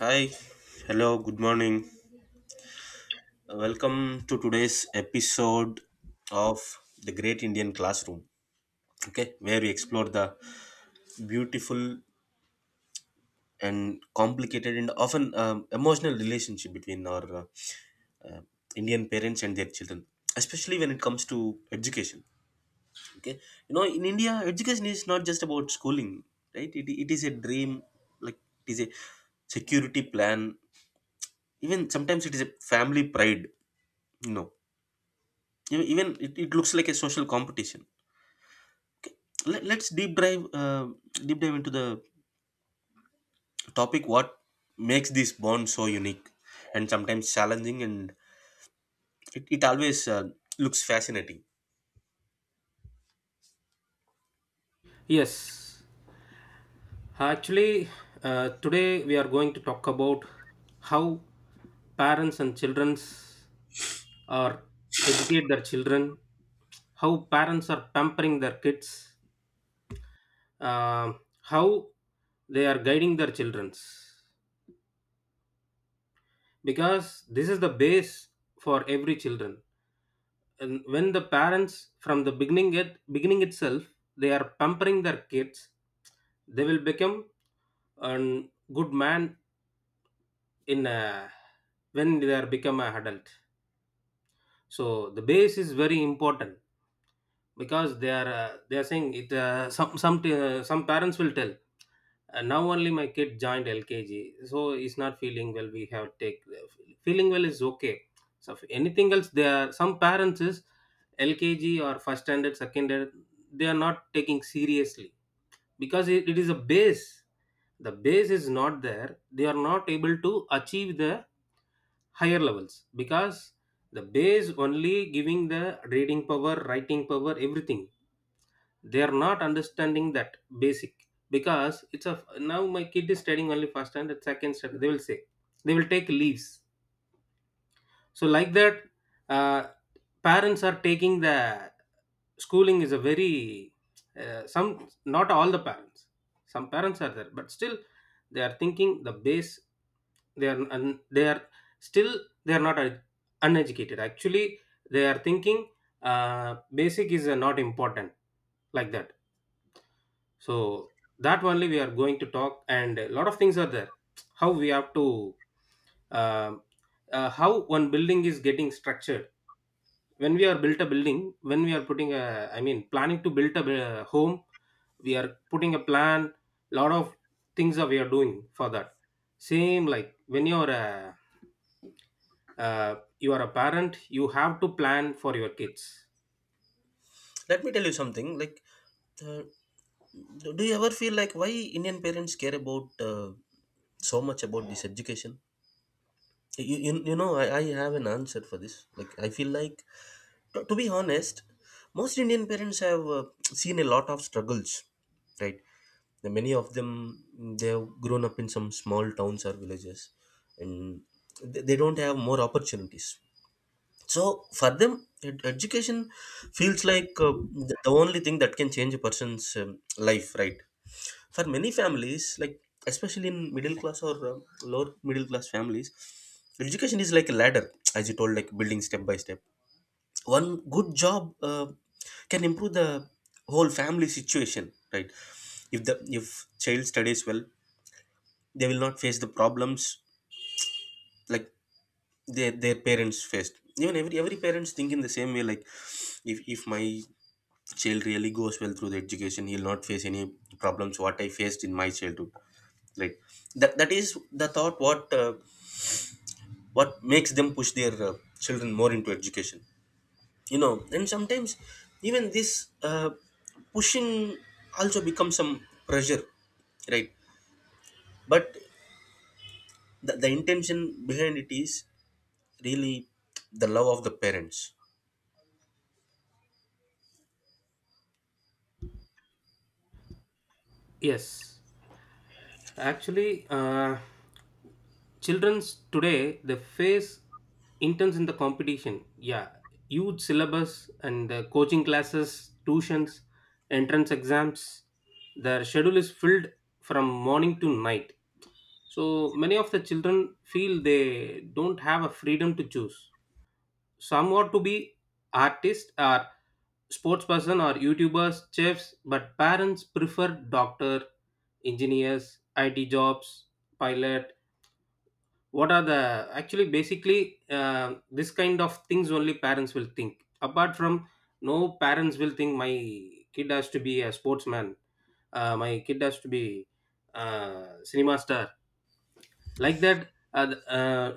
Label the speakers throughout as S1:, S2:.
S1: Hi, hello, good morning. Welcome to today's episode of The Great Indian Classroom, okay, where we explore the beautiful and complicated and often emotional relationship between our uh, Indian parents and their children, especially when it comes to education, okay. You know, in India, education is not just about schooling, right? It is a dream, like, it is a security plan, even sometimes it is a family pride, you know even it looks like a social competition. Let's deep dive deep dive into the topic what makes this bond so unique and sometimes challenging, and it always looks fascinating.
S2: Yes, actually, today we are going to talk about how parents and childrens are educate their children, how parents are pampering their kids, how they are guiding their childrens. Because this is the base for every children, and when the parents from the beginning itself they are pampering their kids, they will become a good man in a, when they are become an adult. So the base is very important because they are saying it, some parents will tell, now only my kid joined lkg, so he's not feeling well, we have take, feeling well is okay. So if anything else, there are some parents is lkg or first standard second standard, they are not taking seriously because it is a base. The base is not there, they are not able to achieve the higher levels because the base only giving the reading power, writing power, everything. They are not understanding that basic because it's a now my kid is studying only first standard second standard, they will say, they will take leaves. So like that, uh, parents are taking the schooling is a very some not all the parents, some parents are there, but still they are thinking the base. They are still they are not uneducated actually. They are thinking basic is not important, like that. So that only we are going to talk, and a lot of things are there how we have to, um how one building is getting structured. When we are built a building, when we are putting a, I mean, planning to build a home, we are putting a plan, lot of things are we are doing for that. Same like when you're a, you are a parent you have to plan for your kids.
S1: Let me tell you something like, uh, do you ever feel like why Indian parents care about so much about this education? You know, I have an answer for this. Like, I feel like, to be honest, most Indian parents have seen a lot of struggles, right? The many of them, they have grown up in some small towns or villages, and they don't have more opportunities. So for them, education feels like, the only thing that can change a person's life, right? For many families, like especially in middle class or lower middle class families, education is like a ladder, as you told, like building step by step. One good job can improve the whole family situation, right? If the if child studies well, they will not face the problems like their parents faced. Even every parents think in the same way, like if my child really goes well through the education, he'll not face any problems what I faced in my childhood, right? That is the thought what, what makes them push their children more into education, you know. And sometimes even this uh, pushing also becomes some pressure, right? But the intention behind it is really the love of the parents.
S2: Yes actually Children's today they face intense in the competition. Yeah, huge syllabus and coaching classes, tuitions, entrance exams. Their schedule is filled from morning to night. So many of the children feel they don't have a freedom to choose. Some want to be artists or sports person or YouTubers, chefs, but parents prefer doctor, engineers, IT jobs, pilot. What are the actually basically this kind of things only parents will think, apart from no parents will think my kid has to be a sportsman, my kid has to be cinema star, like that. uh, th- uh,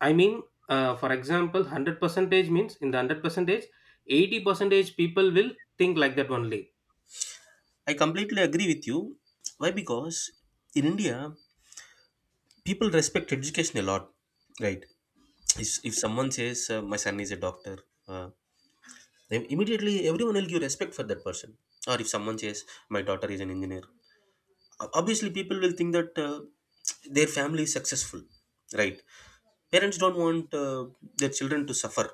S2: i mean for example, 100 percentage means in the 100 percentage 80 percentage people will think like that only.
S1: I completely agree with you. Why? Because in India, people respect education a lot, right? If someone says, my son is a doctor, uh, they- immediately everyone will give respect for that person. Or if someone says, my daughter is an engineer, o- obviously people will think that their family is successful, right? Parents don't want their children to suffer.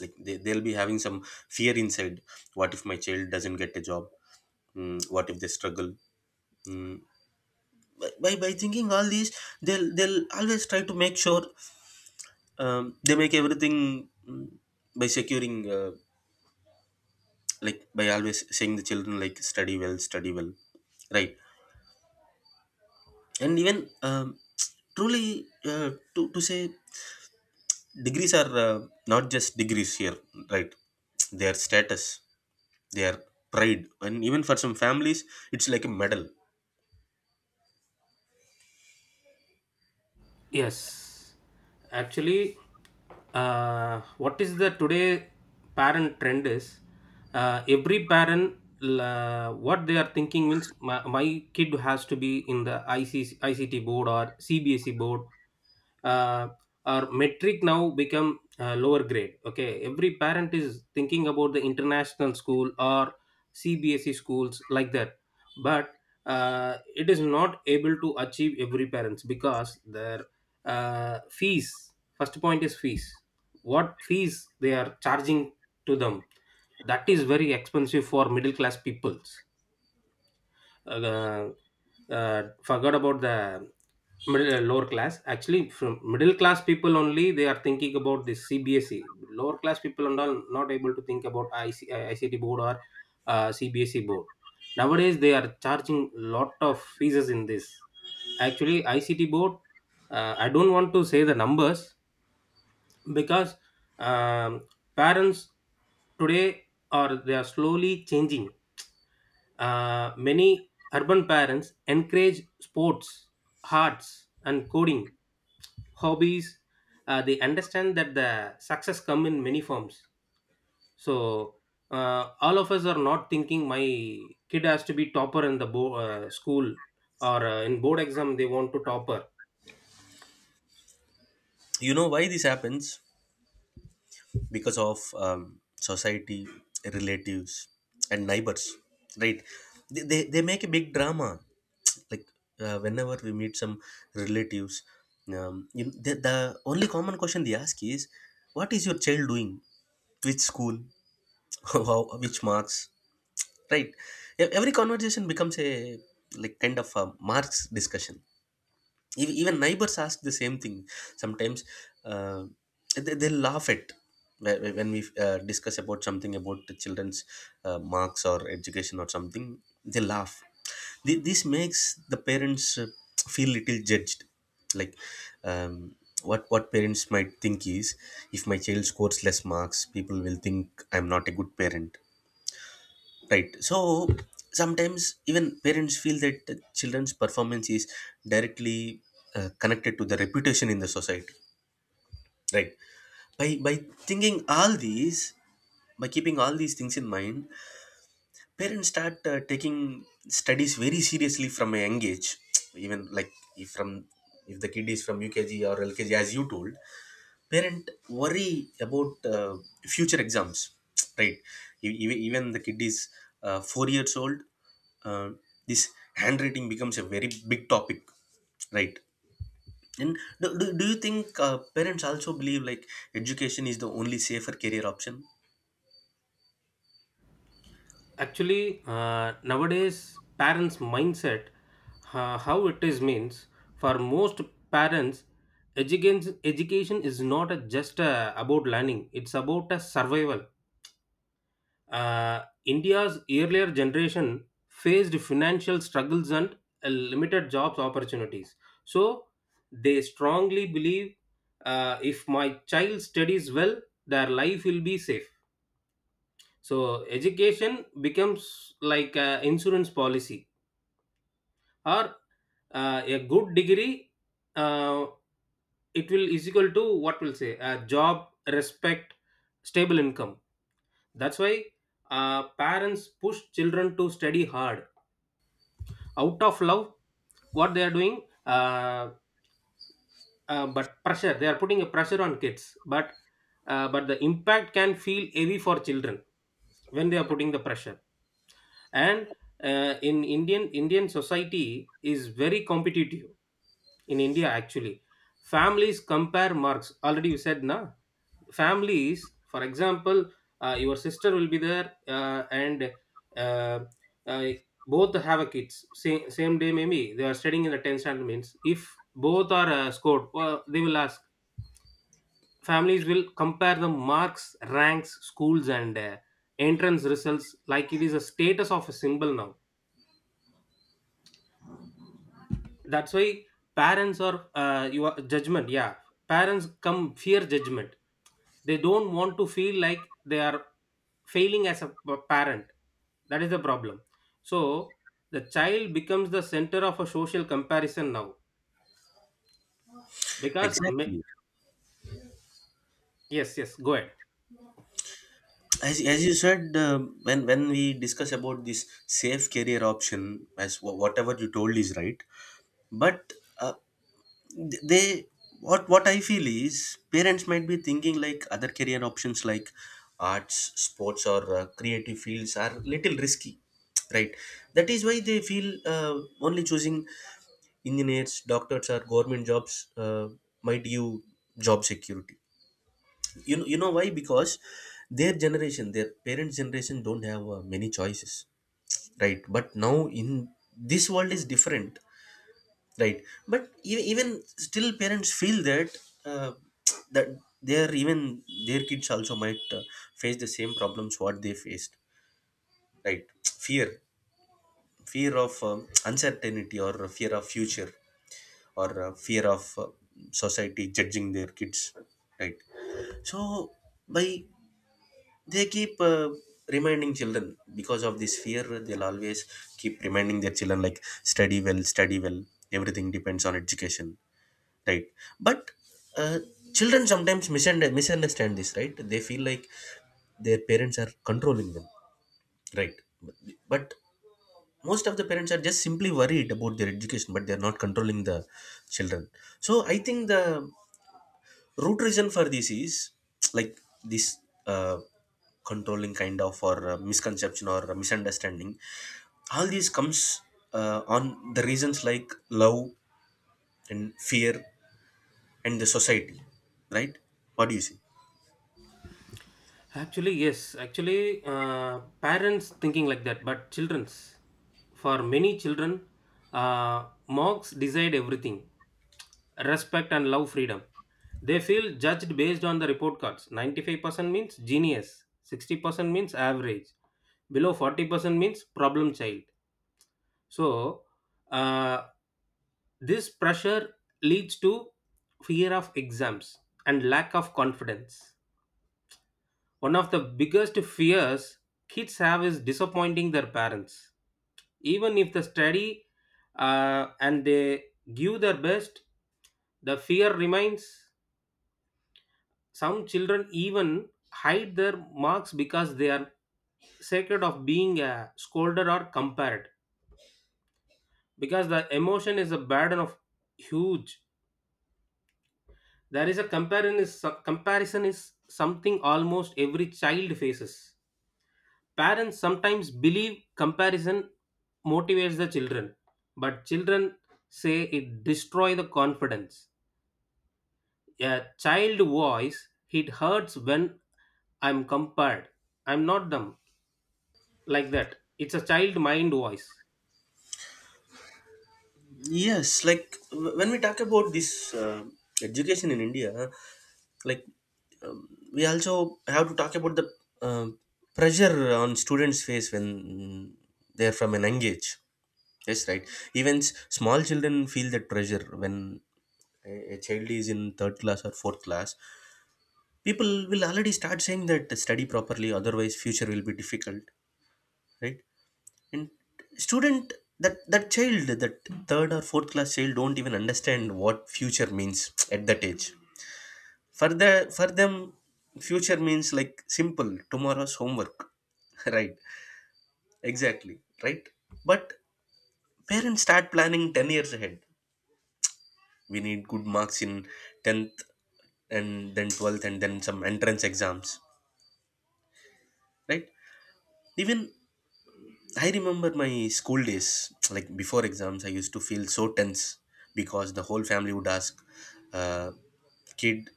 S1: Like they'll be having some fear inside. What if my child doesn't get a job? What if they struggle? Mm. By thinking all these, they'll always try to make sure, they make everything, by securing, like by always saying the children like study well, study well, right? And even, truly, to say, degrees are, not just degrees here, right? Their status, they are pride, and even for some families it's like a medal.
S2: Yes, actually, what is the today parent trend is, every parent, what they are thinking means my kid has to be in the ICICT board or CBSE board. uh, our metric now become lower grade. Okay, every parent is thinking about the international school or cbse schools, like that. But it is not able to achieve every parents because their fees, first point is fees, what fees they are charging to them, that is very expensive for middle class peoples. uh, Forgot about the middle lower class. Actually, from middle class people only they are thinking about this cbse. Lower class people are not able to think about IC, ict board or cbse board. Nowadays they are charging lot of fees in this. Actually ict board, I don't want to say the numbers because, um, parents today are they are slowly changing. Many urban parents encourage sports, arts, and coding hobbies. They understand that the success come in many forms. So all of us are not thinking my kid has to be topper in the school, or in board exam they want to topper.
S1: You know why this happens? Because of society, relatives, and neighbors, right? They make a big drama. Like, whenever we meet some relatives, you, the only common question they ask is, what is your child doing, which school, how, which marks, right? Every conversation becomes a like kind of a marks discussion. Even neighbors ask the same thing sometimes. Uh, they, they laugh at when we discuss about something about the children's marks or education or something, they laugh. This makes the parents feel little judged, like, um, what parents might think is, if my child scores less marks, people will think I'm not a good parent. Right. So sometimes even parents feel that the children's performance is directly connected to the reputation in the society. Right. By thinking all these, by keeping all these things in mind, parents start taking studies very seriously from a young age. Even like if from if the kid is from UKG or LKG, as you told, parent worry about future exams. Right. Even the kid is 4 years old. Uh, this handwriting becomes a very big topic, right? And do you think parents also believe like education is the only safer career option?
S2: Actually, nowadays parents' mindset, how it is means, for most parents, education education is not a, just about learning; it's about a survival. India's earlier generation faced financial struggles and limited jobs opportunities. So they strongly believe, if my child studies well, their life will be safe, so education becomes like an insurance policy, or a good degree. Uh, it will is equal to what we'll say a job, respect, stable income. That's why parents push children to study hard out of love. What they are doing, but pressure, they are putting a pressure on kids. But the impact can feel heavy for children when they are putting the pressure. And in Indian society is very competitive, in India actually. Families compare marks already, you said na. Families, for example, your sister will be there, and uh, uh, both have a kids same day, maybe they are studying in the 10th standard means, if both are scored well, they will ask. Families will compare the marks, ranks, schools and entrance results, like it is a status of a symbol now. That's why parents are you are judgment, yeah, parents come fear judgment. They don't want to feel like they are failing as a parent, that is the problem. So the child becomes the center of a social comparison now because ma-.
S1: Exactly.
S2: Yes, yes, go ahead.
S1: As you said, when we discuss about this safe career option, as wha- whatever you told is right, but, uh, they what I feel is, parents might be thinking like other career options like arts, sports, or creative fields are little risky, right? That is why they feel uh, only choosing engineers, doctors, or government jobs uh, might give job security. You know why? Because their generation, their parents generation, don't have many choices, right? But now, in this world is different. Right, but even still, parents feel that, uh, that their even their kids also might face the same problems what they faced. Right, fear, fear of uncertainty, or fear of future, or fear of society judging their kids. Right, so by they keep reminding children, because of this fear, they'll always keep reminding their children like study well, study well. Everything depends on education, right? But, uh, children sometimes misunderstand this, right? They feel like their parents are controlling them, right? but but most of the parents are just simply worried about their education, but they are not controlling the children. So I think the root reason for this is, like, this uh, controlling kind of, or misconception or misunderstanding, all these comes on the reasons like love and fear and the society, right? What do you see?
S2: Actually, yes. Actually, parents thinking like that, but children's. For many children, mocks decide everything. Respect and love freedom. They feel judged based on the report cards. 95% means genius. 60% means average. Below 40% means problem child. So, uh, this pressure leads to fear of exams and lack of confidence. One of the biggest fears kids have is disappointing their parents. Even if they study and they give their best, the fear remains. Some children even hide their marks because they are scared of being scolded or compared. Because the emotion is a burden of huge. There is a comparison is something almost every child faces. Parents sometimes believe comparison motivates the children, but children say it destroys the confidence. A child voice, it hurts when I'm compared. I'm not them. Like that. It's a child mind voice.
S1: Yes, like when we talk about this education in India, like, we also have to talk about the um pressure on students face when they're from an young age. Yes, right. Even small children feel that pressure when a child is in third class or fourth class. People will already start saying that study properly, otherwise future will be difficult, right? And student, that child, that third or fourth class child, don't even understand what future means at that age. For the for them future means like simple tomorrow's homework. Right, exactly, right. But parents start planning 10 years ahead. We need good marks in 10th and then 12th and then some entrance exams, right? Even I remember my school days, like before exams, I used to feel so tense, because the whole family would ask, uh, "Kid,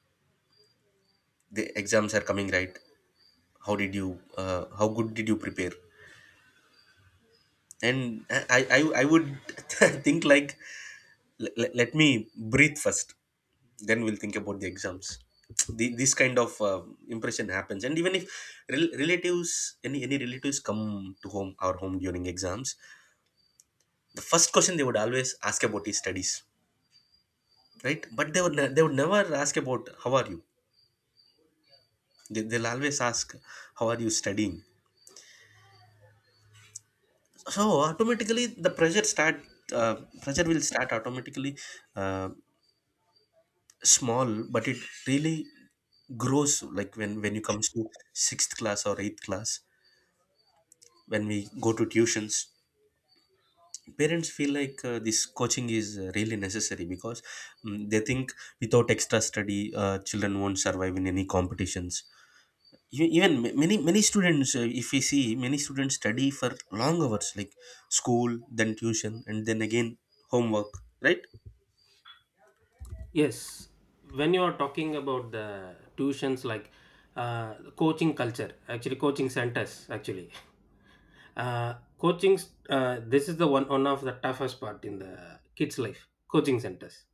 S1: the exams are coming, right? How did you? How good did you prepare?" And I would think like, "Let me breathe first, then we'll think about the exams." This kind of impression happens, and even if rel- relatives, any relatives come to home our home during exams, the first question they would always ask about is studies, right? But they would ne- they would never ask about how are you. They'll always ask how are you studying. So automatically the pressure start, uh, pressure will start automatically, uh, small, but it really grows like when you comes to sixth class or eighth class, when we go to tuitions. Parents feel like this coaching is really necessary, because, they think without extra study children won't survive in any competitions. E- even ma- many many students, if we see, many students study for long hours like school, then tuition, and then again homework, right?
S2: Yes. When you are talking about the tuitions, like coaching culture, actually, coaching centers, actually. Coaching This is the one of the toughest part in the kids life, coaching centers.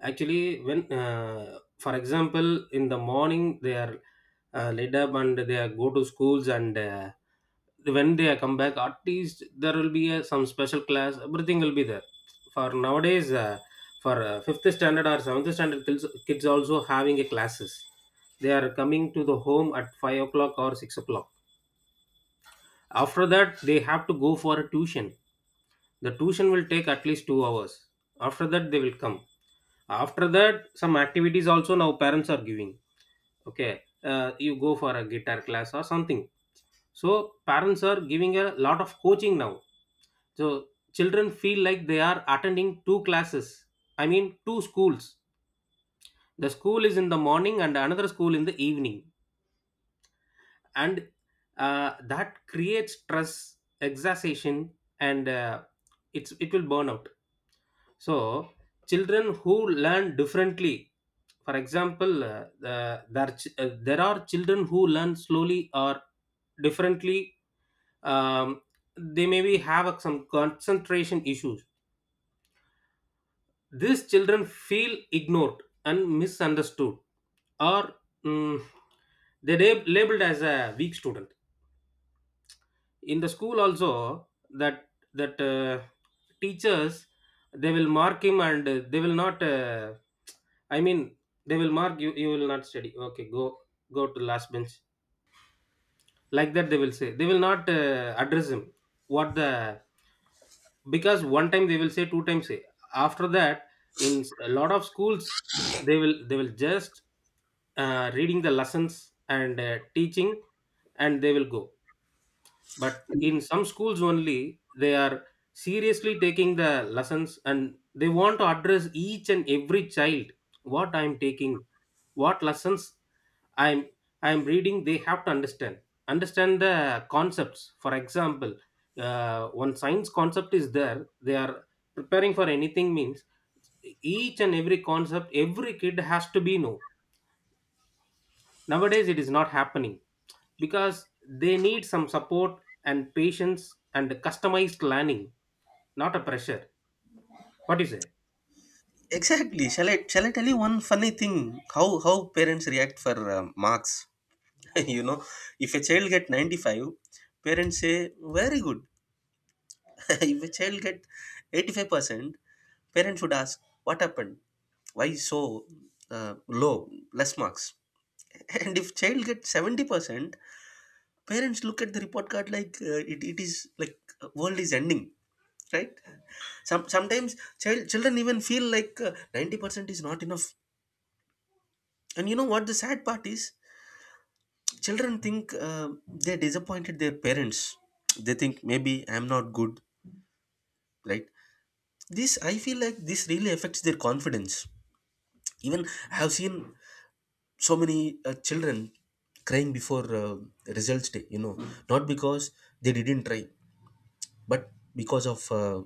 S2: Actually, when for example in the morning they are laid up and they are go to schools, and when they are come back at least there will be some special class, everything will be there. For nowadays for fifth standard or seventh standard kids, kids also having a classes. They are coming to the home at 5 o'clock or 6 o'clock. After that they have to go for a tuition. The tuition will take at least 2 hours. After that they will come. After that some activities also now parents are giving, okay, you go for a guitar class or something. So parents are giving a lot of coaching now. So children feel like they are attending two classes, I mean two schools. The school is in the morning and another school in the evening. And that creates stress, exhaustion, and it's it will burn out. So, children who learn differently, for example, there are children who learn slowly or differently. Um, they maybe have some concentration issues. These children feel ignored and misunderstood, or mm, they're labeled as a weak student. In the school also that, that uh, teachers, they will mark him and they will not, I mean they will mark you, you will not study, okay, go, go to last bench, like that they will say. They will not address him, what the, because one time they will say, two times say. After that in a lot of schools, they will just reading the lessons and teaching, and they will go. But in some schools only, they are seriously taking the lessons and they want to address each and every child, what I am taking, what lessons i'm I'm reading, they have to understand, understand the concepts. For example, one science concept is there, they are preparing for anything means each and every concept every kid has to be know. Nowadays it is not happening because they need some support and patience and customized learning, not a pressure. What do you say?
S1: Exactly. Shall I tell you one funny thing, how parents react for marks? You know, if a child get 95, parents say very good. If a child get 85%, parents would ask, what happened, why so uh, low, less marks? And if child get 70%, parents look at the report card like it is like world is ending, right? Sometimes children even feel like 90% is not enough. And you know what the sad part is? Children think they disappointed their parents. They think maybe I'm not good, right? This, I feel like this really affects their confidence. Even I have seen so many children crying before results day, you know. Not because they didn't try, but because of,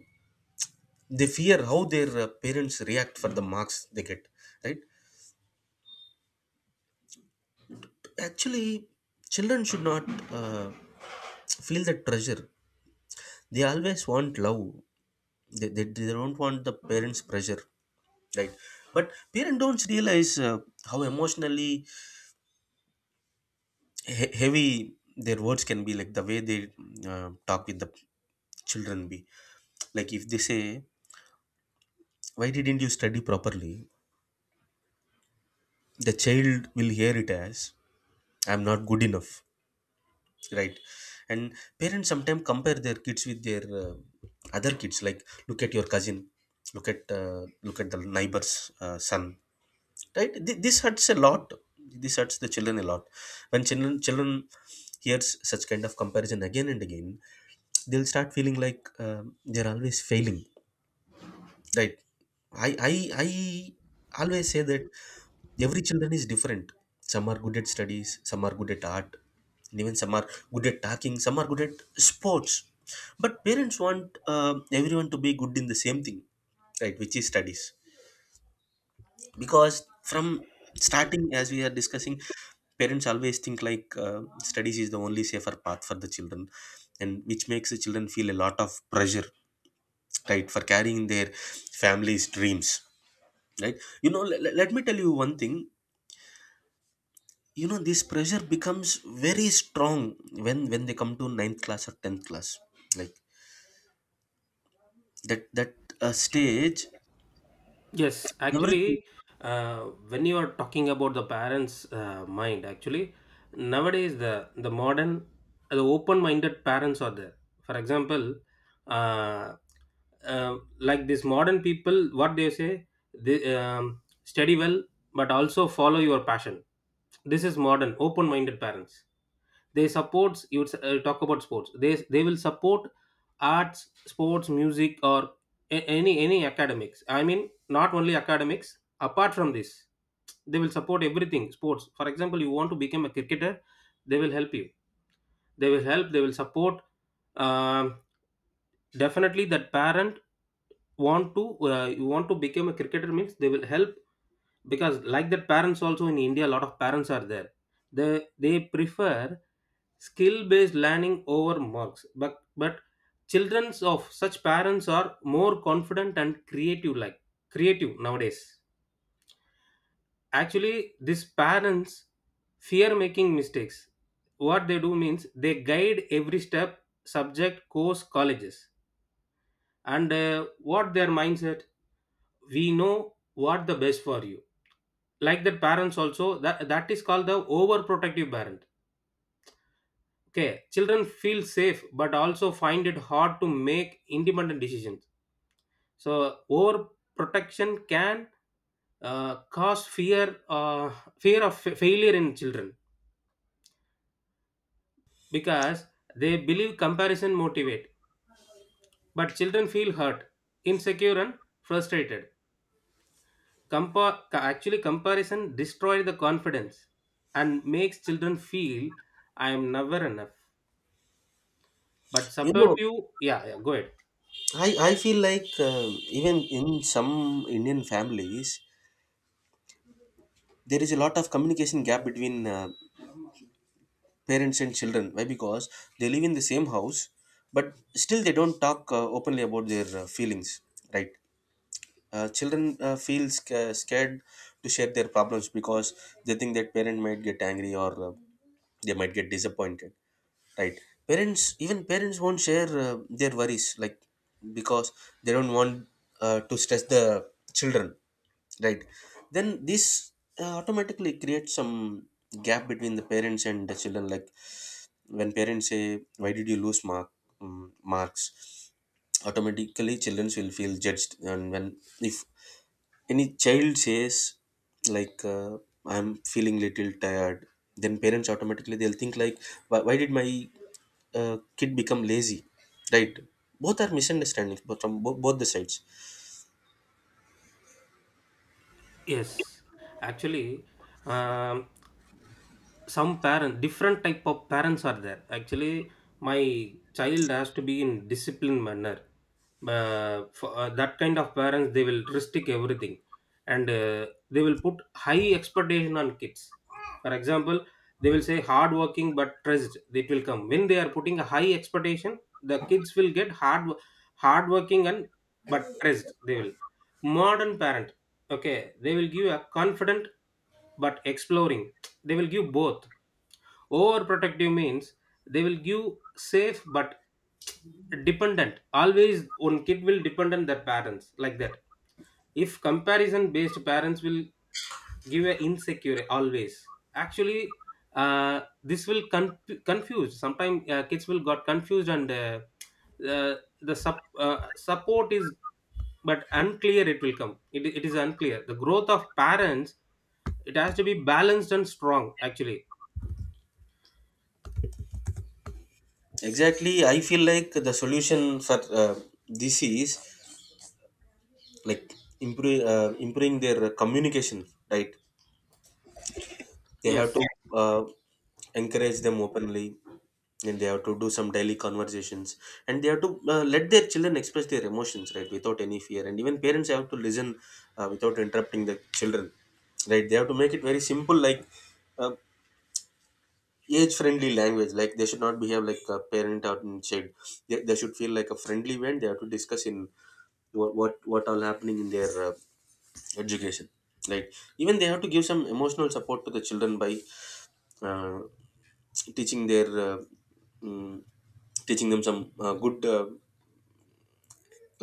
S1: they fear how their parents react for the marks they get, right? Actually, children should not uh, feel that pressure. They always want love. They don't want the parents pressure, right? But parents don't realize how emotionally heavy their words can be. Like the way they talk with the children be, like if they say, why didn't you study properly, the child will hear it as, I'm not good enough, right? And parents sometimes compare their kids with their other kids, like look at your cousin, look at the neighbor's son. Right. This hurts a lot. This hurts the children a lot. When children hears such kind of comparison again and again, they'll start feeling like they're always failing. Right. I always say that every children is different. Some are good at studies, some are good at art, and even some are good at talking, some are good at sports. But parents want everyone to be good in the same thing, right? Which is studies. Because from starting, as we are discussing, parents always think like studies is the only safer path for the children, and which makes the children feel a lot of pressure, right, for carrying their family's dreams, right? Let me tell you one thing. This pressure becomes very strong when they come to ninth class or 10th class, like that stage,
S2: Yes,
S1: everything.
S2: actually, uh, when you are talking about the parents mind actually, nowadays the modern, the open minded parents are there. For example, uh, uh, like these modern people, what they say, they study well but also follow your passion. This is modern open minded parents. They supports you would talk about sports, they will support arts, sports, music, or any academics, I mean not only academics, apart from this they will support everything, sports. For example, you want to become a cricketer, they will help you, they will help, they will support. Um Definitely that parent want to, you want to become a cricketer means they will help, because like that parents also in India a lot of parents are there. they they prefer skill based learning over marks, but children of such parents are more confident and creative, like creative nowadays. Actually these parents fear making mistakes, what they do means they guide every step, subject, course, colleges, and what their mindset, we know what the best for you. Like that parents also, that that is called the overprotective parent. Okay, children feel safe but also find it hard to make independent decisions. So overprotection can cause fear, fear of failure in children because they believe comparison motivate, but children feel hurt, insecure, and frustrated. Compa- Actually, comparison destroys the confidence and makes children feel I am never enough, but
S1: you
S2: support
S1: know
S2: you. Yeah, yeah, go ahead.
S1: I feel like even in some Indian families there is a lot of communication gap between parents and children. Why? Because they live in the same house, but still they don't talk openly about their feelings, right. Children feel scared to share their problems because they think that parent might get angry, or they might get disappointed, right. Parents, even parents won't share their worries, like, because they don't want to stress the children, right. Then this automatically creates some gap between the parents and the children. Like when parents say, why did you lose mark, marks, automatically children will feel judged. And when, if any child says like I'm feeling little tired, then parents automatically they'll think like, why did my kid become lazy, right? Both are misunderstandings, but from both the sides.
S2: Yes, actually, um, some parent, different type of parents are there. Actually, my child has to be in disciplined manner. For that kind of parents, they will restrict everything, and they will put high expectation on kids. For example, they will say hard working but stressed. It will come when they are putting a high expectation. The kids will get hard, hard working and but stressed. They will. Modern parent, okay, they will give a confident but exploring, they will give both. Overprotective means they will give safe but dependent, always one kid will depend on their parents, like that. If comparison based parents will give a insecure always. Actually this will confuse sometimes, kids will got confused, and uh, support is but unclear, it will come, it is unclear the growth of parents, it has to be balanced and strong actually.
S1: Exactly, I feel like the solution for this is, like, improving their communication, right? They have to
S2: Yes.
S1: uh, encourage them openly, and they have to do some daily conversations, and they have to let their children express their emotions, right, without any fear. And even parents have to listen without interrupting the children, right? They have to make it very simple, like uh, age-friendly language. Like they should not behave like a parent or child. They should feel like a friendly event. They have to discuss in what all happening in their education, right? Even they have to give some emotional support to the children by. Uh, Teaching their mm, teaching them some good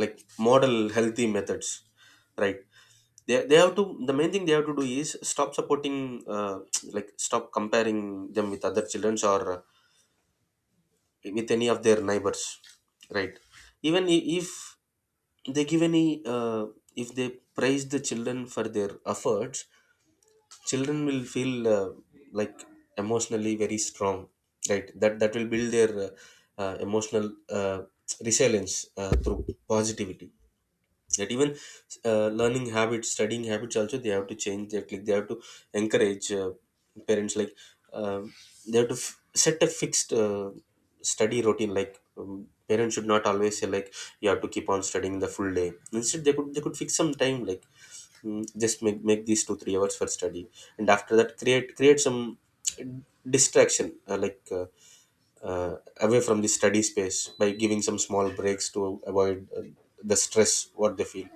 S1: like model healthy methods, right. They have to, the main thing they have to do is stop supporting like stop comparing them with other children, or with any of their neighbors, right. Even if they give any uh, if they praise the children for their efforts, children will feel like emotionally very strong, right. That will build their emotional uh, resilience through positivity. That, even learning habits, studying habits also they have to change that. Like they have to encourage parents like, um they have to set a fixed study routine, like um, parents should not always say like you have to keep on studying the full day. Instead they could, they could fix some time like, just make these two three hours for study, and after that create some distraction, like uh, away from the study space, by giving some small breaks to avoid the stress what they feel.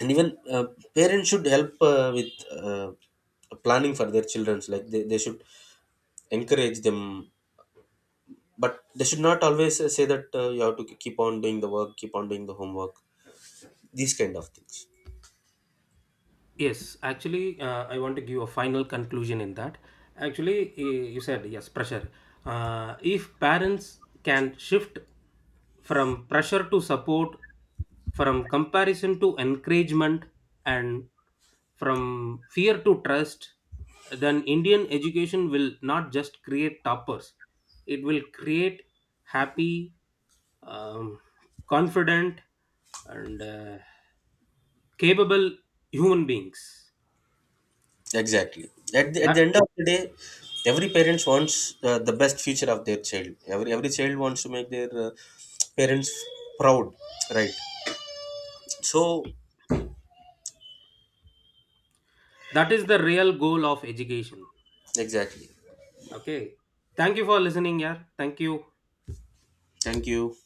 S1: And even parents should help with uh, planning for their children's. Like they should encourage them, but they should not always say that you have to keep on doing the work, keep on doing the homework, these kind of things.
S2: Yes, actually, I want to give a final conclusion in that. Actually, eh, you said yes, pressure. If parents can shift from pressure to support, from comparison to encouragement, and from fear to trust, then Indian education will not just create toppers, it will create happy, um, confident, and capable human beings.
S1: Exactly, at the
S2: That
S1: end of the day, every parents wants the best future of their child. Every child wants to make their parents proud, right? So
S2: that is the real goal of education.
S1: exactly,
S2: Okay, thank you for listening. Yeah, thank you.
S1: thank you.